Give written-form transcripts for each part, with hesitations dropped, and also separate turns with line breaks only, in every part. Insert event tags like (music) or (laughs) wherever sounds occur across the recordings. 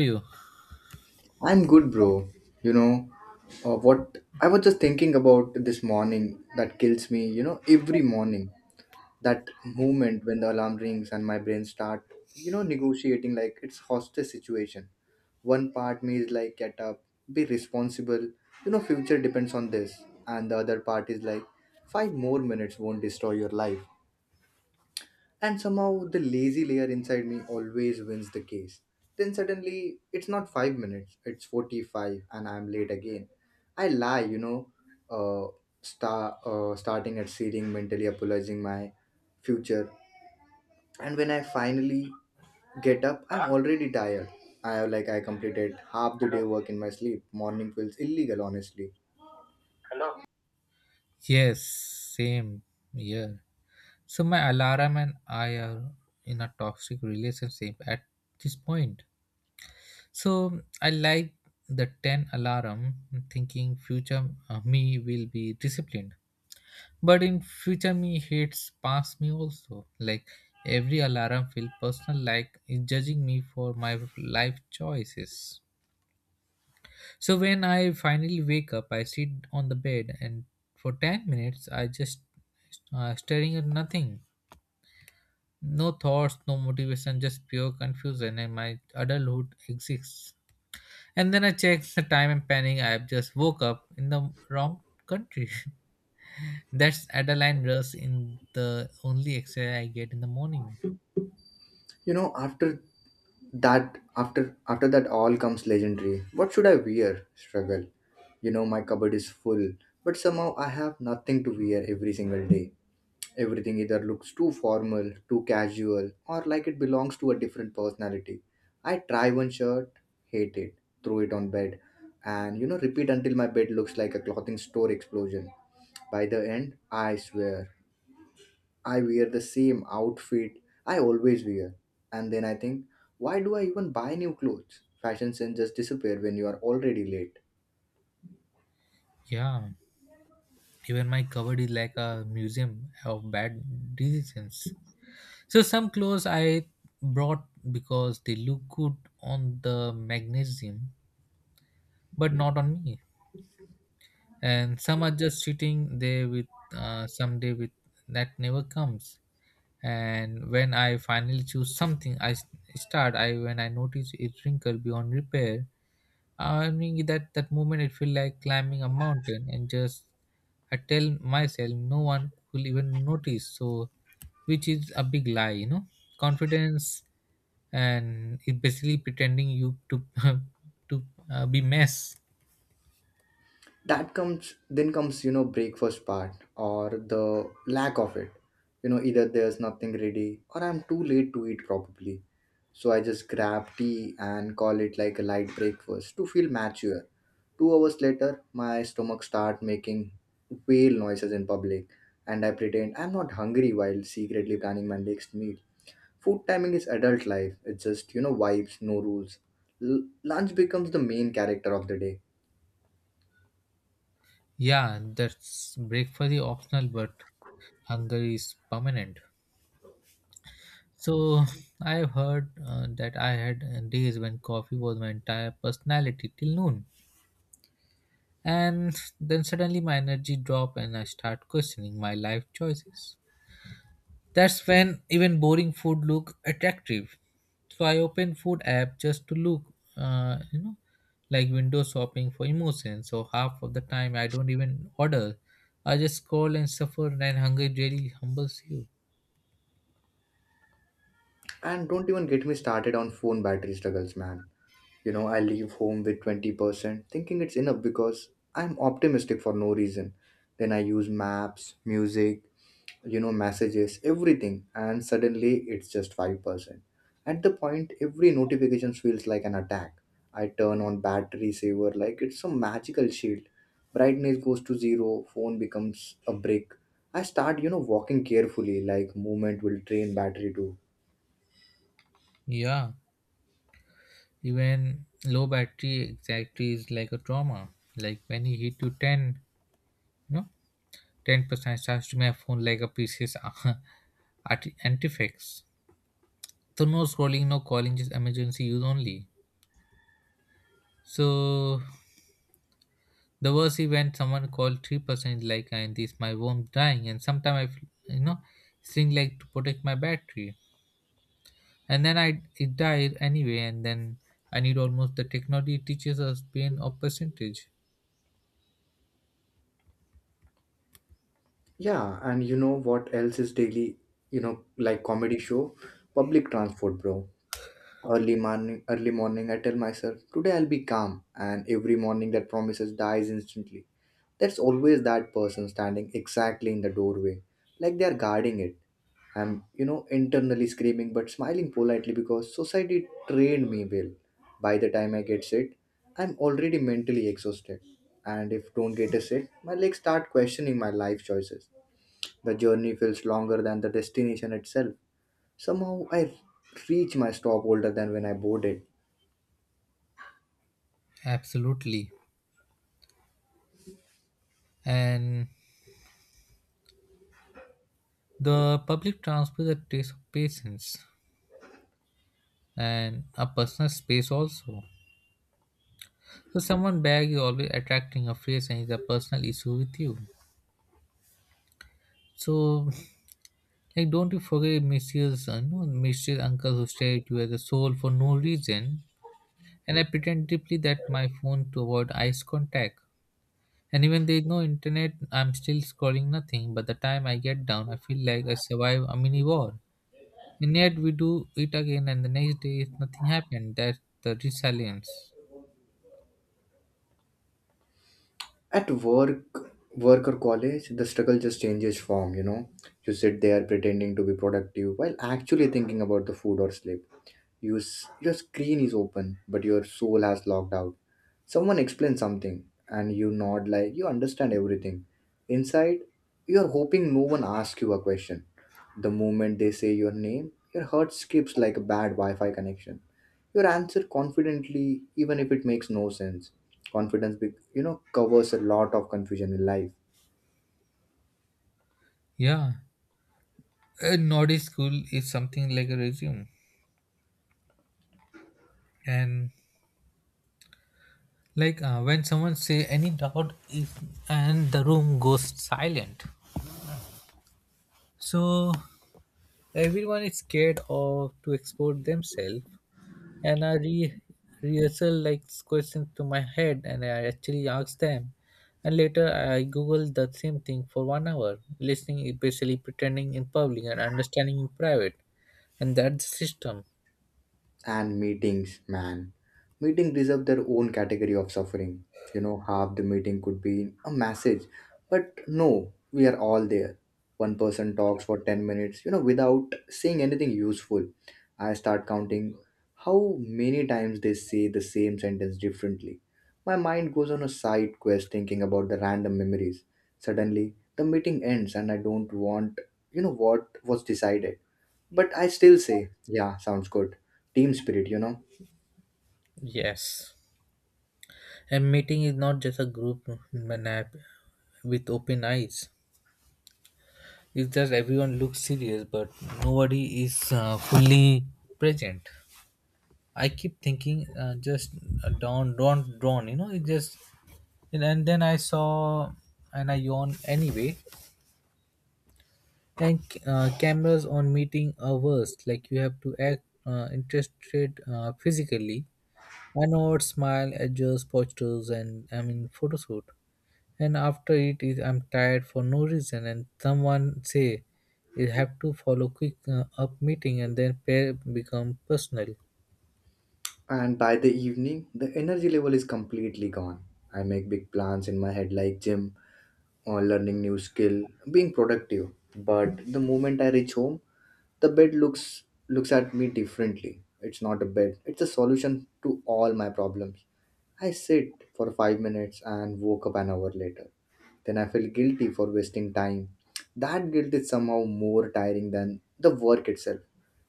You?
I'm good, bro. You know, what I was just thinking about this morning that kills me, every morning. That moment when the alarm rings and my brain start, negotiating like it's hostage situation. One part me is like, get up, be responsible, future depends on this. And the other part is like, five more minutes won't destroy your life. And somehow the lazy layer inside me always wins the case. Then suddenly it's not 5 minutes, it's 45 and I'm late again. I lie, uh, starting at seating, mentally apologizing my future. And when I finally get up, I'm already tired. I like I completed half the day work in my sleep. Morning feels illegal, honestly.
Yes, same here. So my alarm and I are in a toxic relationship at this point. So I like the 10 alarm thinking future me will be disciplined. But in future me hates past me also. Like every alarm feel personal like it's judging me for my life choices. So when I finally wake up, I sit on the bed and for 10 minutes I just staring at nothing. No thoughts, no motivation, just pure confusion and my adulthood exists. And then I check the time and panic I have just woke up in the wrong country. (laughs) That's adrenaline rush in the only exercise I get in the morning.
After that after after that all comes legendary what should I wear struggle. My cupboard is full, but somehow I have nothing to wear every single day. Everything either looks too formal, too casual, or like it belongs to a different personality. I try one shirt, hate it, throw it on bed, and repeat until my bed looks like a clothing store explosion. By the end I swear I wear the same outfit I always wear. And then I think, why do I even buy new clothes? Fashion sense just disappear when you are already late.
Yeah, even my cupboard is like a museum of bad decisions. So some clothes I brought because they look good on the magnesium, but not on me. And some are just sitting there with someday with that never comes. And when I finally choose something, start. I when I notice it wrinkled beyond repair, I mean that moment it feel like climbing a mountain and just I tell myself no one will even notice so which is a big lie, you know, confidence and it basically pretending you to (laughs) to be mess.
That comes then comes, breakfast part or the lack of it. Either there's nothing ready or I'm too late to eat probably. So I just grab tea and call it like a light breakfast to feel mature. 2 hours later, my stomach start making whale noises in public, and I pretend I'm not hungry while secretly planning my next meal. Food timing is adult life. It's just, vibes, no rules. Lunch becomes the main character of the day.
Yeah, that's breakfast is optional but hunger is permanent. So I've heard that I had days when coffee was my entire personality till noon. And then suddenly my energy drop and I start questioning my life choices. That's when even boring food look attractive. So I open food app just to look, you know, like window shopping for emotions. So half of the time I don't even order, I just scroll and suffer, and hunger really humbles you.
And don't even get me started on phone battery struggles, man. I leave home with 20% thinking it's enough because I'm optimistic for no reason. Then I use maps, music, messages, everything, and suddenly it's just 5%. At the point every notification feels like an attack. I turn on battery saver like it's some magical shield. Brightness goes to zero, phone becomes a brick. I start, walking carefully like movement will drain battery too.
Yeah, even low battery anxiety is like a trauma. Like when you hit to 10, you know, 10% charge to my phone like a precious artifacts. (laughs) So no scrolling, no calling, just emergency use only. So the worst event, someone called 3% like and this my phone dying, and sometime I feel, you know, thing like to protect my battery, and then I it died anyway, and then I need almost the technology teaches us pain of percentage.
Yeah, and what else is daily, like comedy show? Public transport, bro. Early morning, I tell myself, today I'll be calm, and every morning that promises dies instantly. There's always that person standing exactly in the doorway, like they are guarding it. I'm, internally screaming but smiling politely because society trained me well. By the time I get sit, I'm already mentally exhausted. And if don't get a sit, my legs start questioning my life choices. The journey feels longer than the destination itself. Somehow I reach my stop older than when I boarded.
Absolutely. And the public transport is a patience and a personal space also. So someone bag is always attracting a face and is a personal issue with you. So like don't you forget mysterious you know, mysterious uncle who stare at you as a soul for no reason, and I pretend deeply that my phone to avoid eyes contact. And even there is no internet, I'm still scrolling nothing. But the time I get down, I feel like I survived a mini war. And yet we do it again, and the next day nothing happened. That's the resilience.
At work, work or college, the struggle just changes form, you know. You sit there pretending to be productive while actually thinking about the food or sleep. Your screen is open, but your soul has logged out. Someone explains something, and you nod like you understand everything. Inside, you're hoping no one asks you a question. The moment they say your name, your heart skips like a bad Wi Fi connection. Your answer confidently even if it makes no sense. Confidence covers a lot of confusion in life.
Yeah. A Nordic school is something like a resume. And like when someone say any doubt is and the room goes silent. So everyone is scared of to expose themselves, and I rehearsal like questions to my head and I actually ask them, and later I google the same thing for one hour. Listening is basically pretending in public and understanding in private, and that's the system.
And meetings, man. Meeting deserve their own category of suffering. Half the meeting could be a message, but no, we are all there. One person talks for 10 minutes, without saying anything useful. I start counting how many times they say the same sentence differently. My mind goes on a side quest thinking about the random memories. Suddenly, the meeting ends and I don't want, what was decided. But I still say, yeah, sounds good. Team spirit.
Yes, and meeting is not just a group nap with open eyes is that everyone looks serious but nobody is fully present. I keep thinking just down don't drawn, you know, it just and then I saw, and I yawned anyway. And cameras on meeting are worst, like you have to act interested physically. I know what smile adjust postures and I mean photoshoot. And after it is I'm tired for no reason, and someone say you have to follow quick up meeting, and then pair become personal.
And by the evening, the energy level is completely gone. I make big plans in my head like gym or learning new skill, being productive. But the moment I reach home, the bed looks at me differently. It's not a bed. It's a solution to all my problems. I sit for 5 minutes and woke up an hour later. Then I feel guilty for wasting time. That guilt is somehow more tiring than the work itself.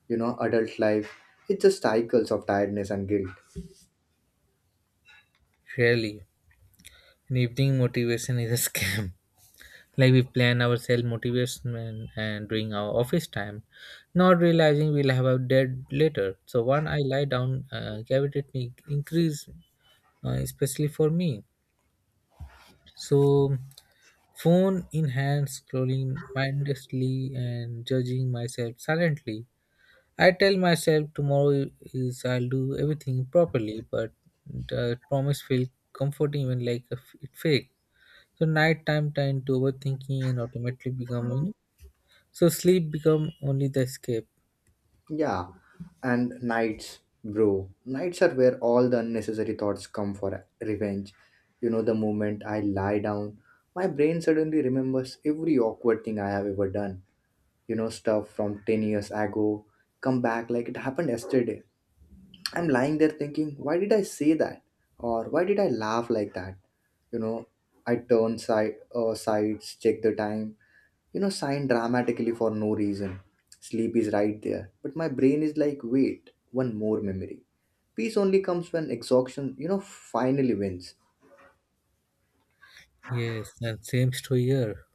Adult life, it's just cycles of tiredness and guilt.
Really an evening motivation is a scam. (laughs) Like we plan ourselves motivation and during our office time not realizing we'll have a dead later, so one, I lie down, cavity increase, especially for me. So phone in hand scrolling mindlessly and judging myself silently. I tell myself tomorrow is I'll do everything properly, but the promise feel comforting even like a it fake. So nighttime turned to overthinking and automatically becoming, so sleep become only the escape.
Yeah, and nights, bro. Nights are where all the unnecessary thoughts come for revenge. The moment I lie down, my brain suddenly remembers every awkward thing I have ever done. Stuff from 10 years ago come back like it happened yesterday. I'm lying there thinking, why did I say that? Or why did I laugh like that? you know I turn sides, check the time, sign dramatically for no reason. Sleep is right there but my brain is like, wait, one more memory. Peace only comes when exhaustion, finally wins.
Yes, and same story here.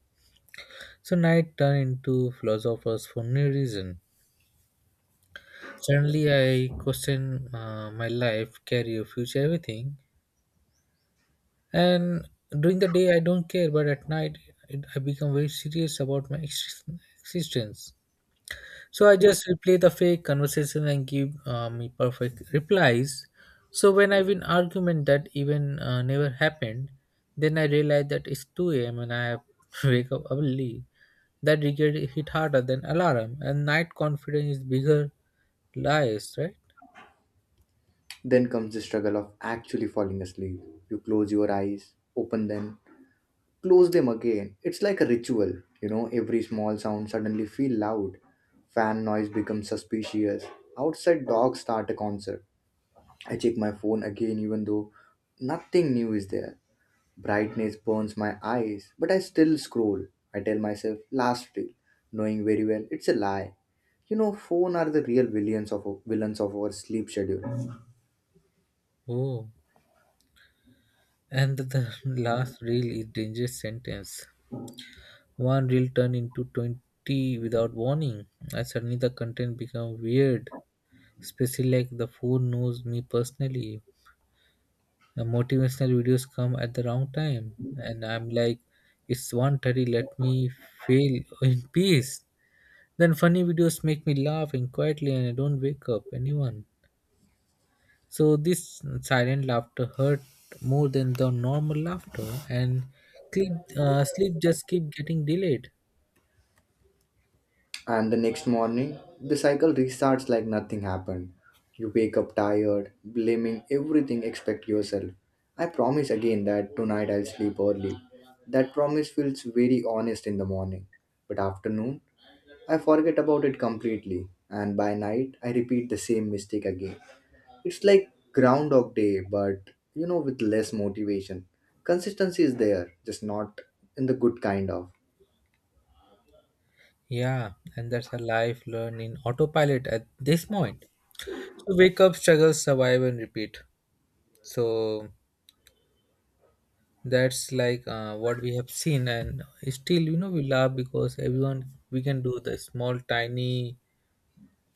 So night turned into philosophers for no reason. Suddenly I question my life, career, future, everything. And during the day I don't care, but at night it, I become very serious about my existence. So I just replay the fake conversation and give me perfect replies. So when I win argument that even never happened, then I realize that it's 2 a.m. and I have (laughs) wake up early. That regret hit harder than alarm, and night confidence is bigger lies, right?
Then comes the struggle of actually falling asleep. You close your eyes, open them, close them again. It's like a ritual. Every small sound suddenly feel loud. Fan noise becomes suspicious. Outside dogs start a concert. I check my phone again, even though nothing new is there. Brightness burns my eyes, but I still scroll. I tell myself, last reel, knowing very well it's a lie. Phone are the real villains of our sleep schedule.
Oh, and the (laughs) last reel is dangerous sentence. One reel turned into 20 without warning, and suddenly the content become weird, especially like the food knows me personally. The motivational videos come at the wrong time, and I'm like, it's 1:30. Let me fail in peace. Then funny videos make me laugh and quietly, and I don't wake up anyone. So this silent laughter hurt more than the normal laughter, and sleep just keep getting delayed.
And the next morning, the cycle restarts like nothing happened. You wake up tired, blaming everything except yourself. I promise again that tonight I'll sleep early. That promise feels very honest in the morning, but afternoon I forget about it completely, and by night I repeat the same mistake again. It's like Groundhog Day, but with less motivation. Consistency is there, just not in the good kind of.
Yeah, and that's a life learned in autopilot at this point. So wake up, struggle, survive, and repeat. So that's like what we have seen and still, you know, we laugh because everyone we can do the small tiny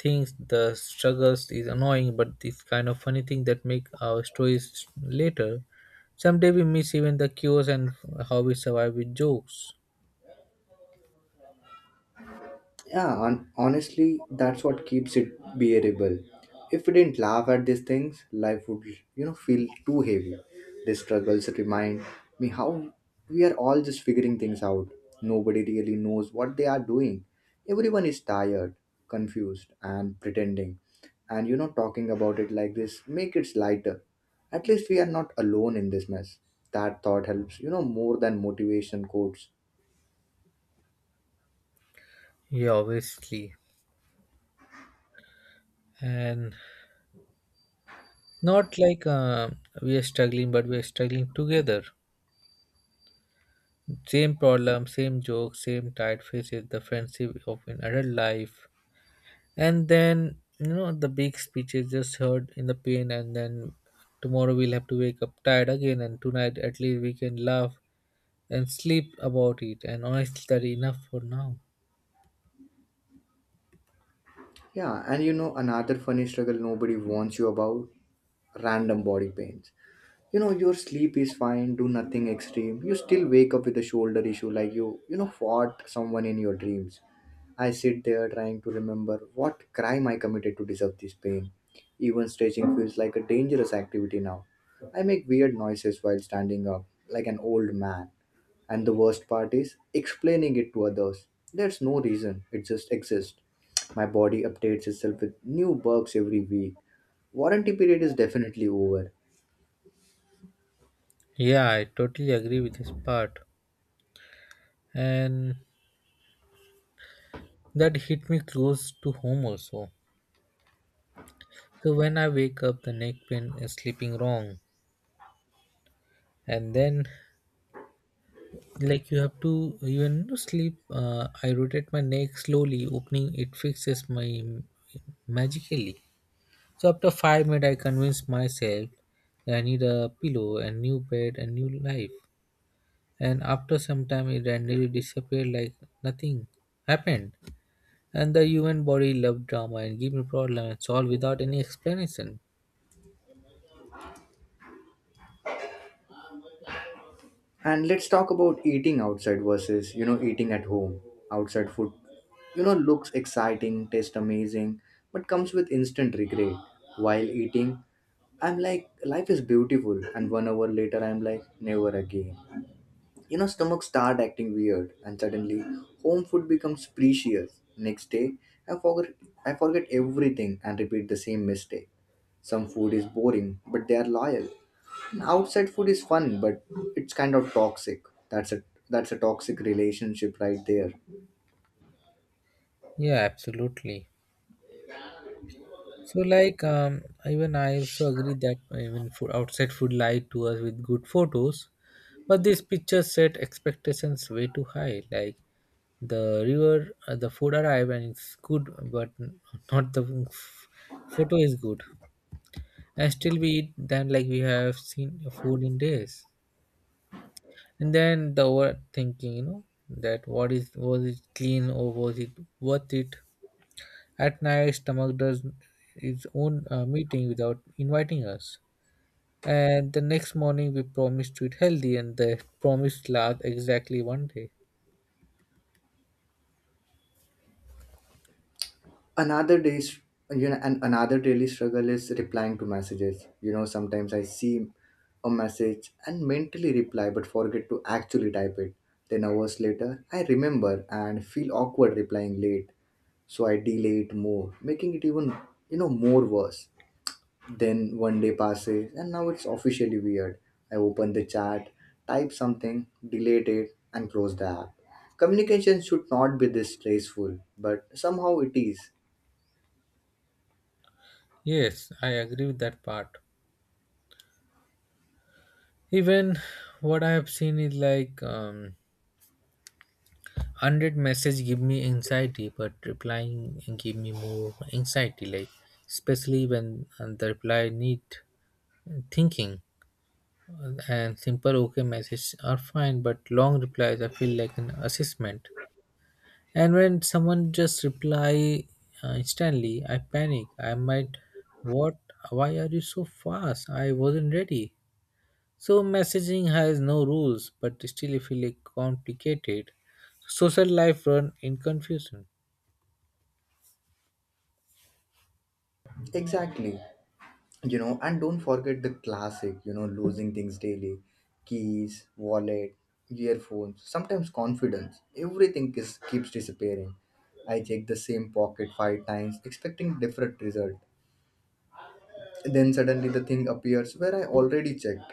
things. The struggles is annoying but this kind of funny thing that make our stories later. Someday we miss even the cures and how we survive with jokes.
Yeah, honestly, that's what keeps it bearable. If we didn't laugh at these things, life would, feel too heavy. These struggles remind me how we are all just figuring things out. Nobody really knows what they are doing. Everyone is tired, confused, and pretending. And talking about it like this make it lighter. At least we are not alone in this mess. That thought helps, more than motivation quotes.
Yeah, obviously. And not like we are struggling, but we are struggling together. Same problem, same joke, same tired faces, the friendship of an adult life. And then, you know, the big speech is just heard in the pain, and then tomorrow we'll have to wake up tired again, and tonight at least we can laugh and sleep about it, and honestly that enough for now.
Yeah, and another funny struggle nobody warns you about random body pains. Your sleep is fine, do nothing extreme. You still wake up with a shoulder issue like you, fought someone in your dreams. I sit there trying to remember what crime I committed to deserve this pain. Even stretching feels like a dangerous activity now. I make weird noises while standing up, like an old man. And the worst part is explaining it to others. There's no reason, it just exists. My body updates itself with new bugs every week. Warranty period is definitely over.
Yeah, I totally agree with this part. And that hit me close to home also. So when I wake up the neck pain is sleeping wrong. And then like you have to even to sleep, I rotate my neck slowly opening it fixes my magically. So after 5 minutes, I convinced myself that I need a pillow, a new bed, a new life. And after some time, it randomly disappeared like nothing happened. And the human body loved drama and gave me problems and solved without any explanation.
And let's talk about eating outside versus, eating at home. Outside food, looks exciting, tastes amazing, but comes with instant regret. While eating, I'm like, life is beautiful. And 1 hour later, I'm like, never again. Stomach start acting weird, and suddenly home food becomes precious. Next day, I forget I forget everything and repeat the same mistake. Some food is boring, but they are loyal. And outside food is fun, but it's kind of toxic. That's a that's a toxic relationship right there.
Yeah, absolutely. So, like, even I also agree that even food, outside food lied to us with good photos, but these pictures set expectations way too high. Like, the river, the food arrived and it's good, but not the photo is good. And still we eat them like we have seen food in days. And then the overthinking, you know, that what is was it clean or was it worth it? At night, stomach does its own meeting without inviting us. And the next morning, we promise to eat healthy, and the promise lasts exactly one day.
Another day's, and another daily struggle is replying to messages. Sometimes I see a message and mentally reply but forget to actually type it. Then hours later I remember and feel awkward replying late. So I delay it more, making it even, more worse. Then one day passes and now it's officially weird. I open the chat, type something, delete it, and close the app. Communication should not be this stressful, but somehow it is.
Yes, I agree with that part. Even what I have seen is like 100 message give me anxiety, but replying give me more anxiety. Like especially when the reply need thinking, and simple okay message are fine, but long replies I feel like an assessment. And when someone just reply instantly, I panic. I might, what? Why are you so fast? I wasn't ready. So messaging has no rules, but still if feel like complicated. Social life run in confusion.
Exactly. And don't forget the classic, losing things daily: keys, wallet, earphones, sometimes confidence. Everything is, keeps disappearing. I check the same pocket five times, expecting different result. Then suddenly the thing appears where I already checked.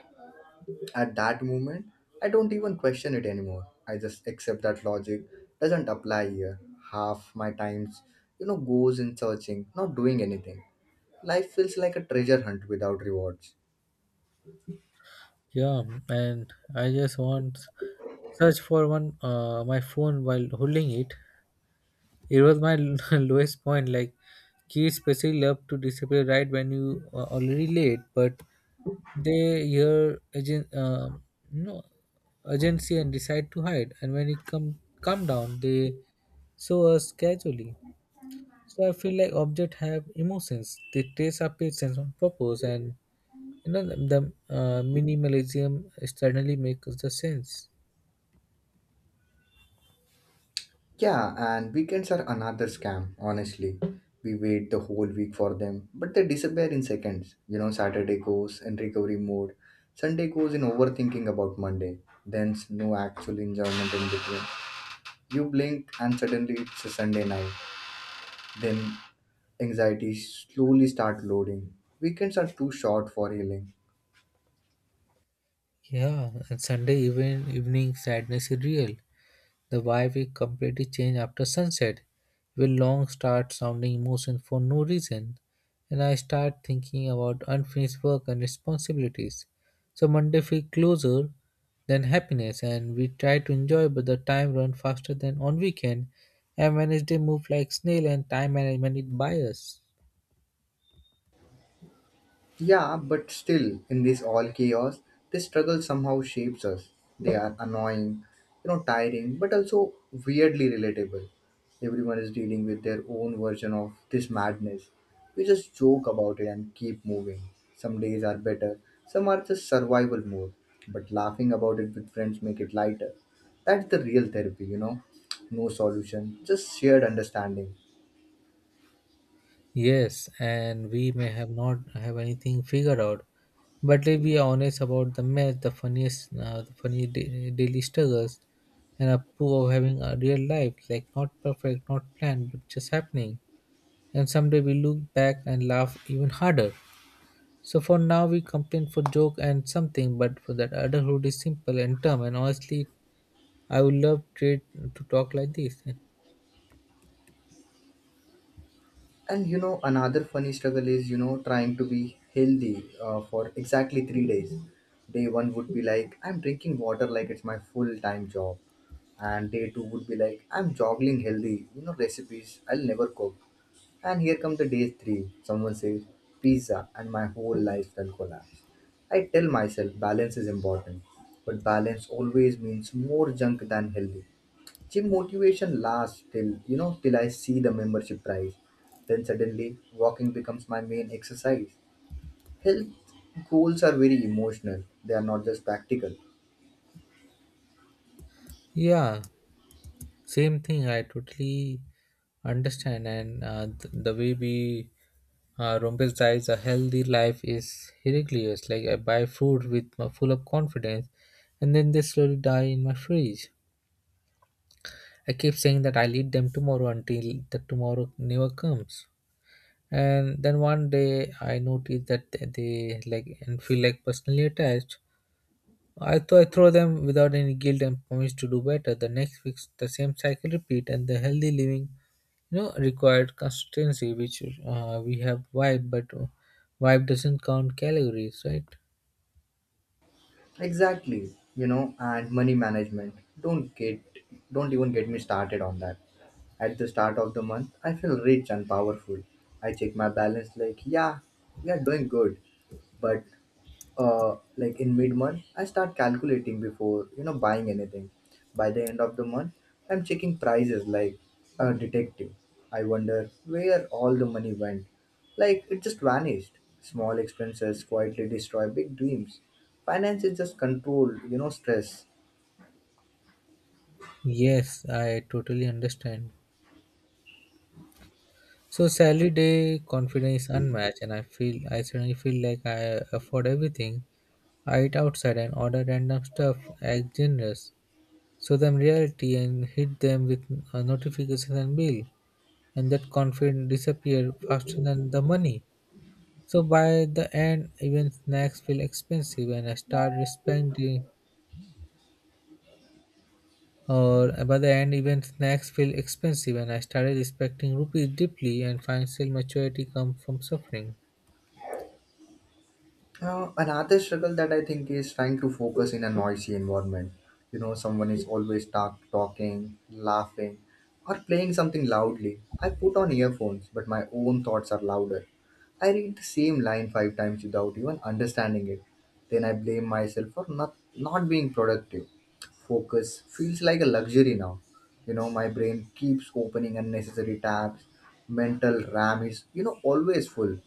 At that moment, I don't even question it anymore. I just accept that logic doesn't apply here. Half my times, goes in searching, not doing anything. Life feels like a treasure hunt without rewards.
Yeah, and I just want search for one my phone while holding it. It was my (laughs) lowest point. Like kids especially love to disappear right when you are already late, but they hear agent, you know, urgency and decide to hide. And when it come down, they show us casually. So I feel like objects have emotions. They trace our patience on purpose, and you know the minimalism suddenly makes the sense.
Yeah, and weekends are another scam, honestly. We wait the whole week for them, but they disappear in seconds. Saturday goes in recovery mode, Sunday goes in overthinking about Monday, then's no actual enjoyment in between. You blink and suddenly it's a Sunday night. Then anxiety slowly start loading. Weekends are too short for healing.
Yeah, and Sunday even evening sadness is real. The vibe will completely changed after sunset. It Will long start sounding emotions for no reason, and I start thinking about unfinished work and responsibilities. So Monday feels closer than happiness, and we try to enjoy, but the time runs faster than on weekend, and Wednesday move like snail, and time management is biased.
Yeah, but still, in this all chaos, this struggle somehow shapes us. They are annoying, you know, tiring, but also weirdly relatable. Everyone is dealing with their own version of this madness. We just joke about it and keep moving. Some days are better, some are just survival mode, but laughing about it with friends make it lighter. That's the real therapy, you know. No solution, just shared understanding.
Yes, and we may have not have anything figured out, but if we are honest about the mess, the funniest, the funny daily struggles, and a proof of having a real life, like not perfect, not planned, but just happening. And someday we look back and laugh even harder. So for now, we complain for joke and something, but for that adulthood is simple and dumb. And honestly, I would love great to talk like this.
And you know, another funny struggle is, you know, trying to be healthy for exactly 3 days. Day one would be like, I'm drinking water like it's my full time job. And day two would be like, I'm joggling healthy, you know, recipes I'll never cook. And here come the day three. Someone says, pizza, and my whole lifestyle collapse. I tell myself balance is important, but balance always means more junk than healthy. Gym motivation lasts till you know till I see the membership price. Then suddenly walking becomes my main exercise. Health goals are very emotional. They are not just practical.
Yeah. Same thing, I totally understand, and the way we romanticize a healthy life is ridiculous. Like I buy food with my full of confidence, and then they slowly die in my fridge. I keep saying that I'll eat them tomorrow until the tomorrow never comes. And then one day I notice that they like and feel like personally attached. I throw them without any guilt and promise to do better. The next week the same cycle repeat, and the healthy living required consistency which we have vibe but vibe doesn't count calories, right?
Exactly. You know, and money management. Don't get don't even get me started on that. At the start of the month, I feel rich and powerful. I check my balance like, yeah, we are doing good. But like in mid month I start calculating before you know buying anything. By the end of the month I'm checking prices like a detective. I wonder where all the money went, like it just vanished. Small expenses quietly destroy big dreams. Finance is just control, you know, stress.
Yes, I totally understand. So salary day confidence is unmatched, and I suddenly feel like I afford everything. I eat outside and order random stuff, act generous. Show them reality and hit them with a notification and bill, and that confidence disappear faster than the money. So by the end, even snacks feel expensive, and I start respecting Or By the end, even snacks feel expensive, and I started respecting rupees deeply. And financial maturity comes from suffering.
Another struggle that I think is trying to focus in a noisy environment. You know, someone is always talking, laughing, or playing something loudly. I put on earphones, but my own thoughts are louder. I read the same line five times without even understanding it. Then I blame myself for not being productive. Focus feels like a luxury now. You know, my brain keeps opening unnecessary tabs. Mental RAM is, you know, always full.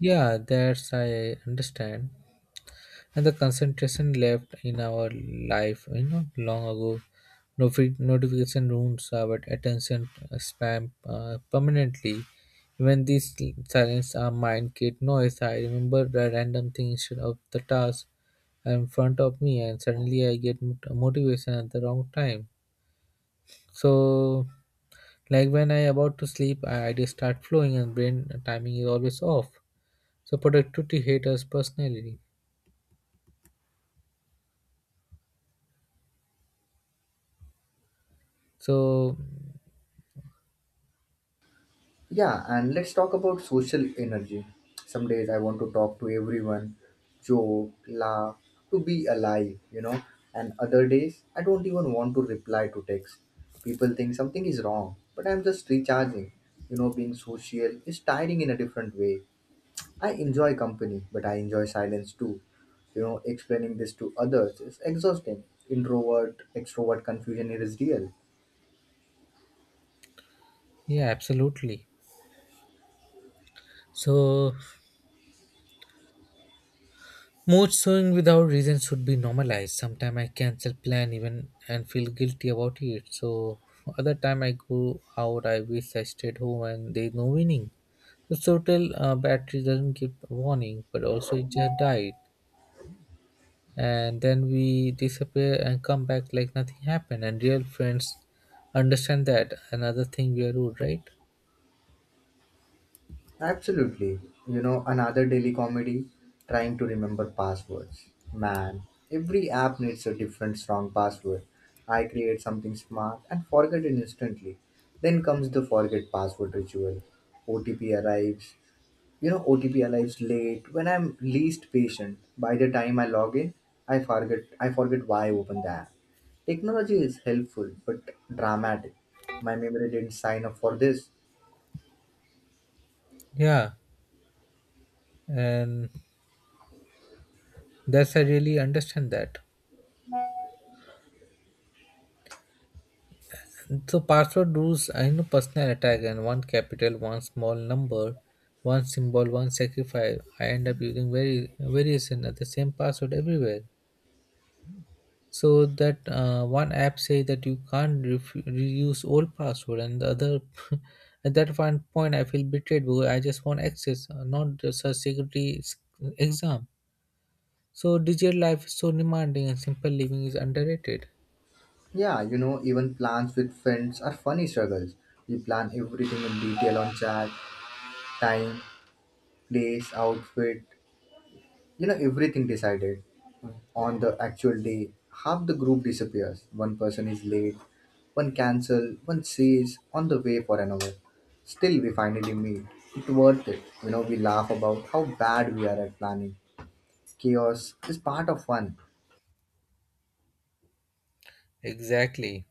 Yeah, that's I understand. And the concentration left in our life, you know, long ago. Notification ruins our attention, spam permanently. When these silence our mind create noise, I remember the random thing instead of the task in front of me, and suddenly I get motivation at the wrong time. So, like when I about to sleep, I ideas start flowing and brain timing is always off. So productivity haters personality. So
Yeah, and let's talk about social energy. Some days I want to talk to everyone, joke, laugh, to be alive, you know. And other days I don't even want to reply to text. People think something is wrong, but I'm just recharging. You know, being social is tiring in a different way. I enjoy company, but I enjoy silence too. You know, explaining this to others is exhausting. Introvert, extrovert confusion is real.
yeah, absolutely. So mood swing without reason should be normalized. Sometimes I cancel plan even and feel guilty about it. So other time I go out, I wish I stayed home, and there's no winning. So total battery doesn't give warning, but also it just died. And then we disappear and come back like nothing happened, and real friends understand that. Another thing, we are rude, right?
Absolutely. You know, another daily comedy, trying to remember passwords. Man, every app needs a different strong password. I create something smart and forget it instantly. Then comes the forget password ritual. OTP arrives. You know, OTP arrives late when I'm least patient. By the time I log in, I forget why I opened the app. Technology is helpful but dramatic. My memory didn't sign up for this.
Yeah, and that's I really understand that. So password rules I know personal attack, and one capital, one small number, one symbol, one sacrifice. I end up using very variation at the same password everywhere. So that one app say that you can't ref- reuse old password, and the other (laughs) at that one point I feel betrayed because I just want access, not just a security s- exam. So digital life is so demanding and simple living is underrated.
Yeah, you know, even plans with friends are funny struggles. We plan everything in detail on chat, time, place, outfit, you know, everything decided on the actual day. Half the group disappears. One person is late, one cancel, one says on the way for an hour. Still, we finally meet. It's worth it. You know, we laugh about how bad we are at planning. Chaos is part of fun.
Exactly.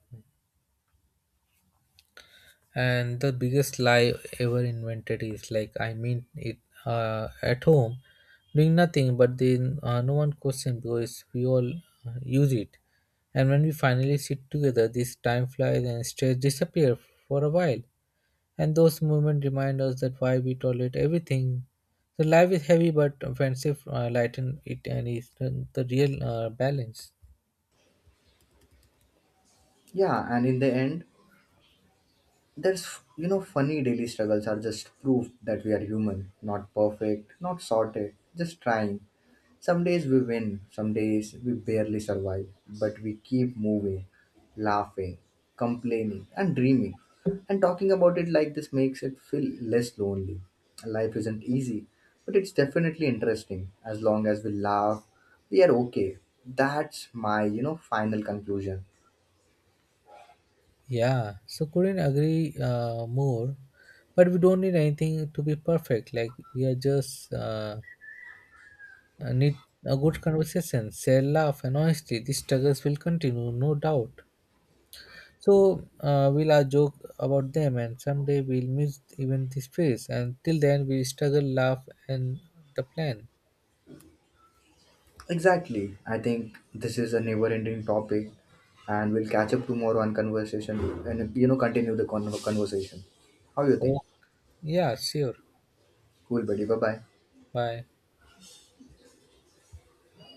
And the biggest lie ever invented is like I mean it, at home doing nothing, but then no one questions because we all use it. And when we finally sit together, this time flies and stress disappear for a while. And those moments remind us that why we tolerate everything. So life is heavy but offensive, lighten it and is the real balance.
Yeah, and in the end, there's, you know, funny daily struggles are just proof that we are human, not perfect, not sorted, just trying. Some days we win, some days we barely survive, but we keep moving, laughing, complaining, and dreaming. And talking about it like this makes it feel less lonely. Life isn't easy, but it's definitely interesting. As long as we laugh, we are okay. That's my, you know, final conclusion.
Yeah, so couldn't agree more. But we don't need anything to be perfect. Like we are just need a good conversation, share laugh and honesty. These struggles will continue, no doubt. So we'll joke about them, and someday we'll miss even this phase. And till then, we struggle, laugh, and the plan.
Exactly. I think this is a never ending topic and we'll catch up tomorrow on conversation and you know continue the conversation. How you think?
Oh, yeah, sure.
Cool buddy. Bye bye.
Bye.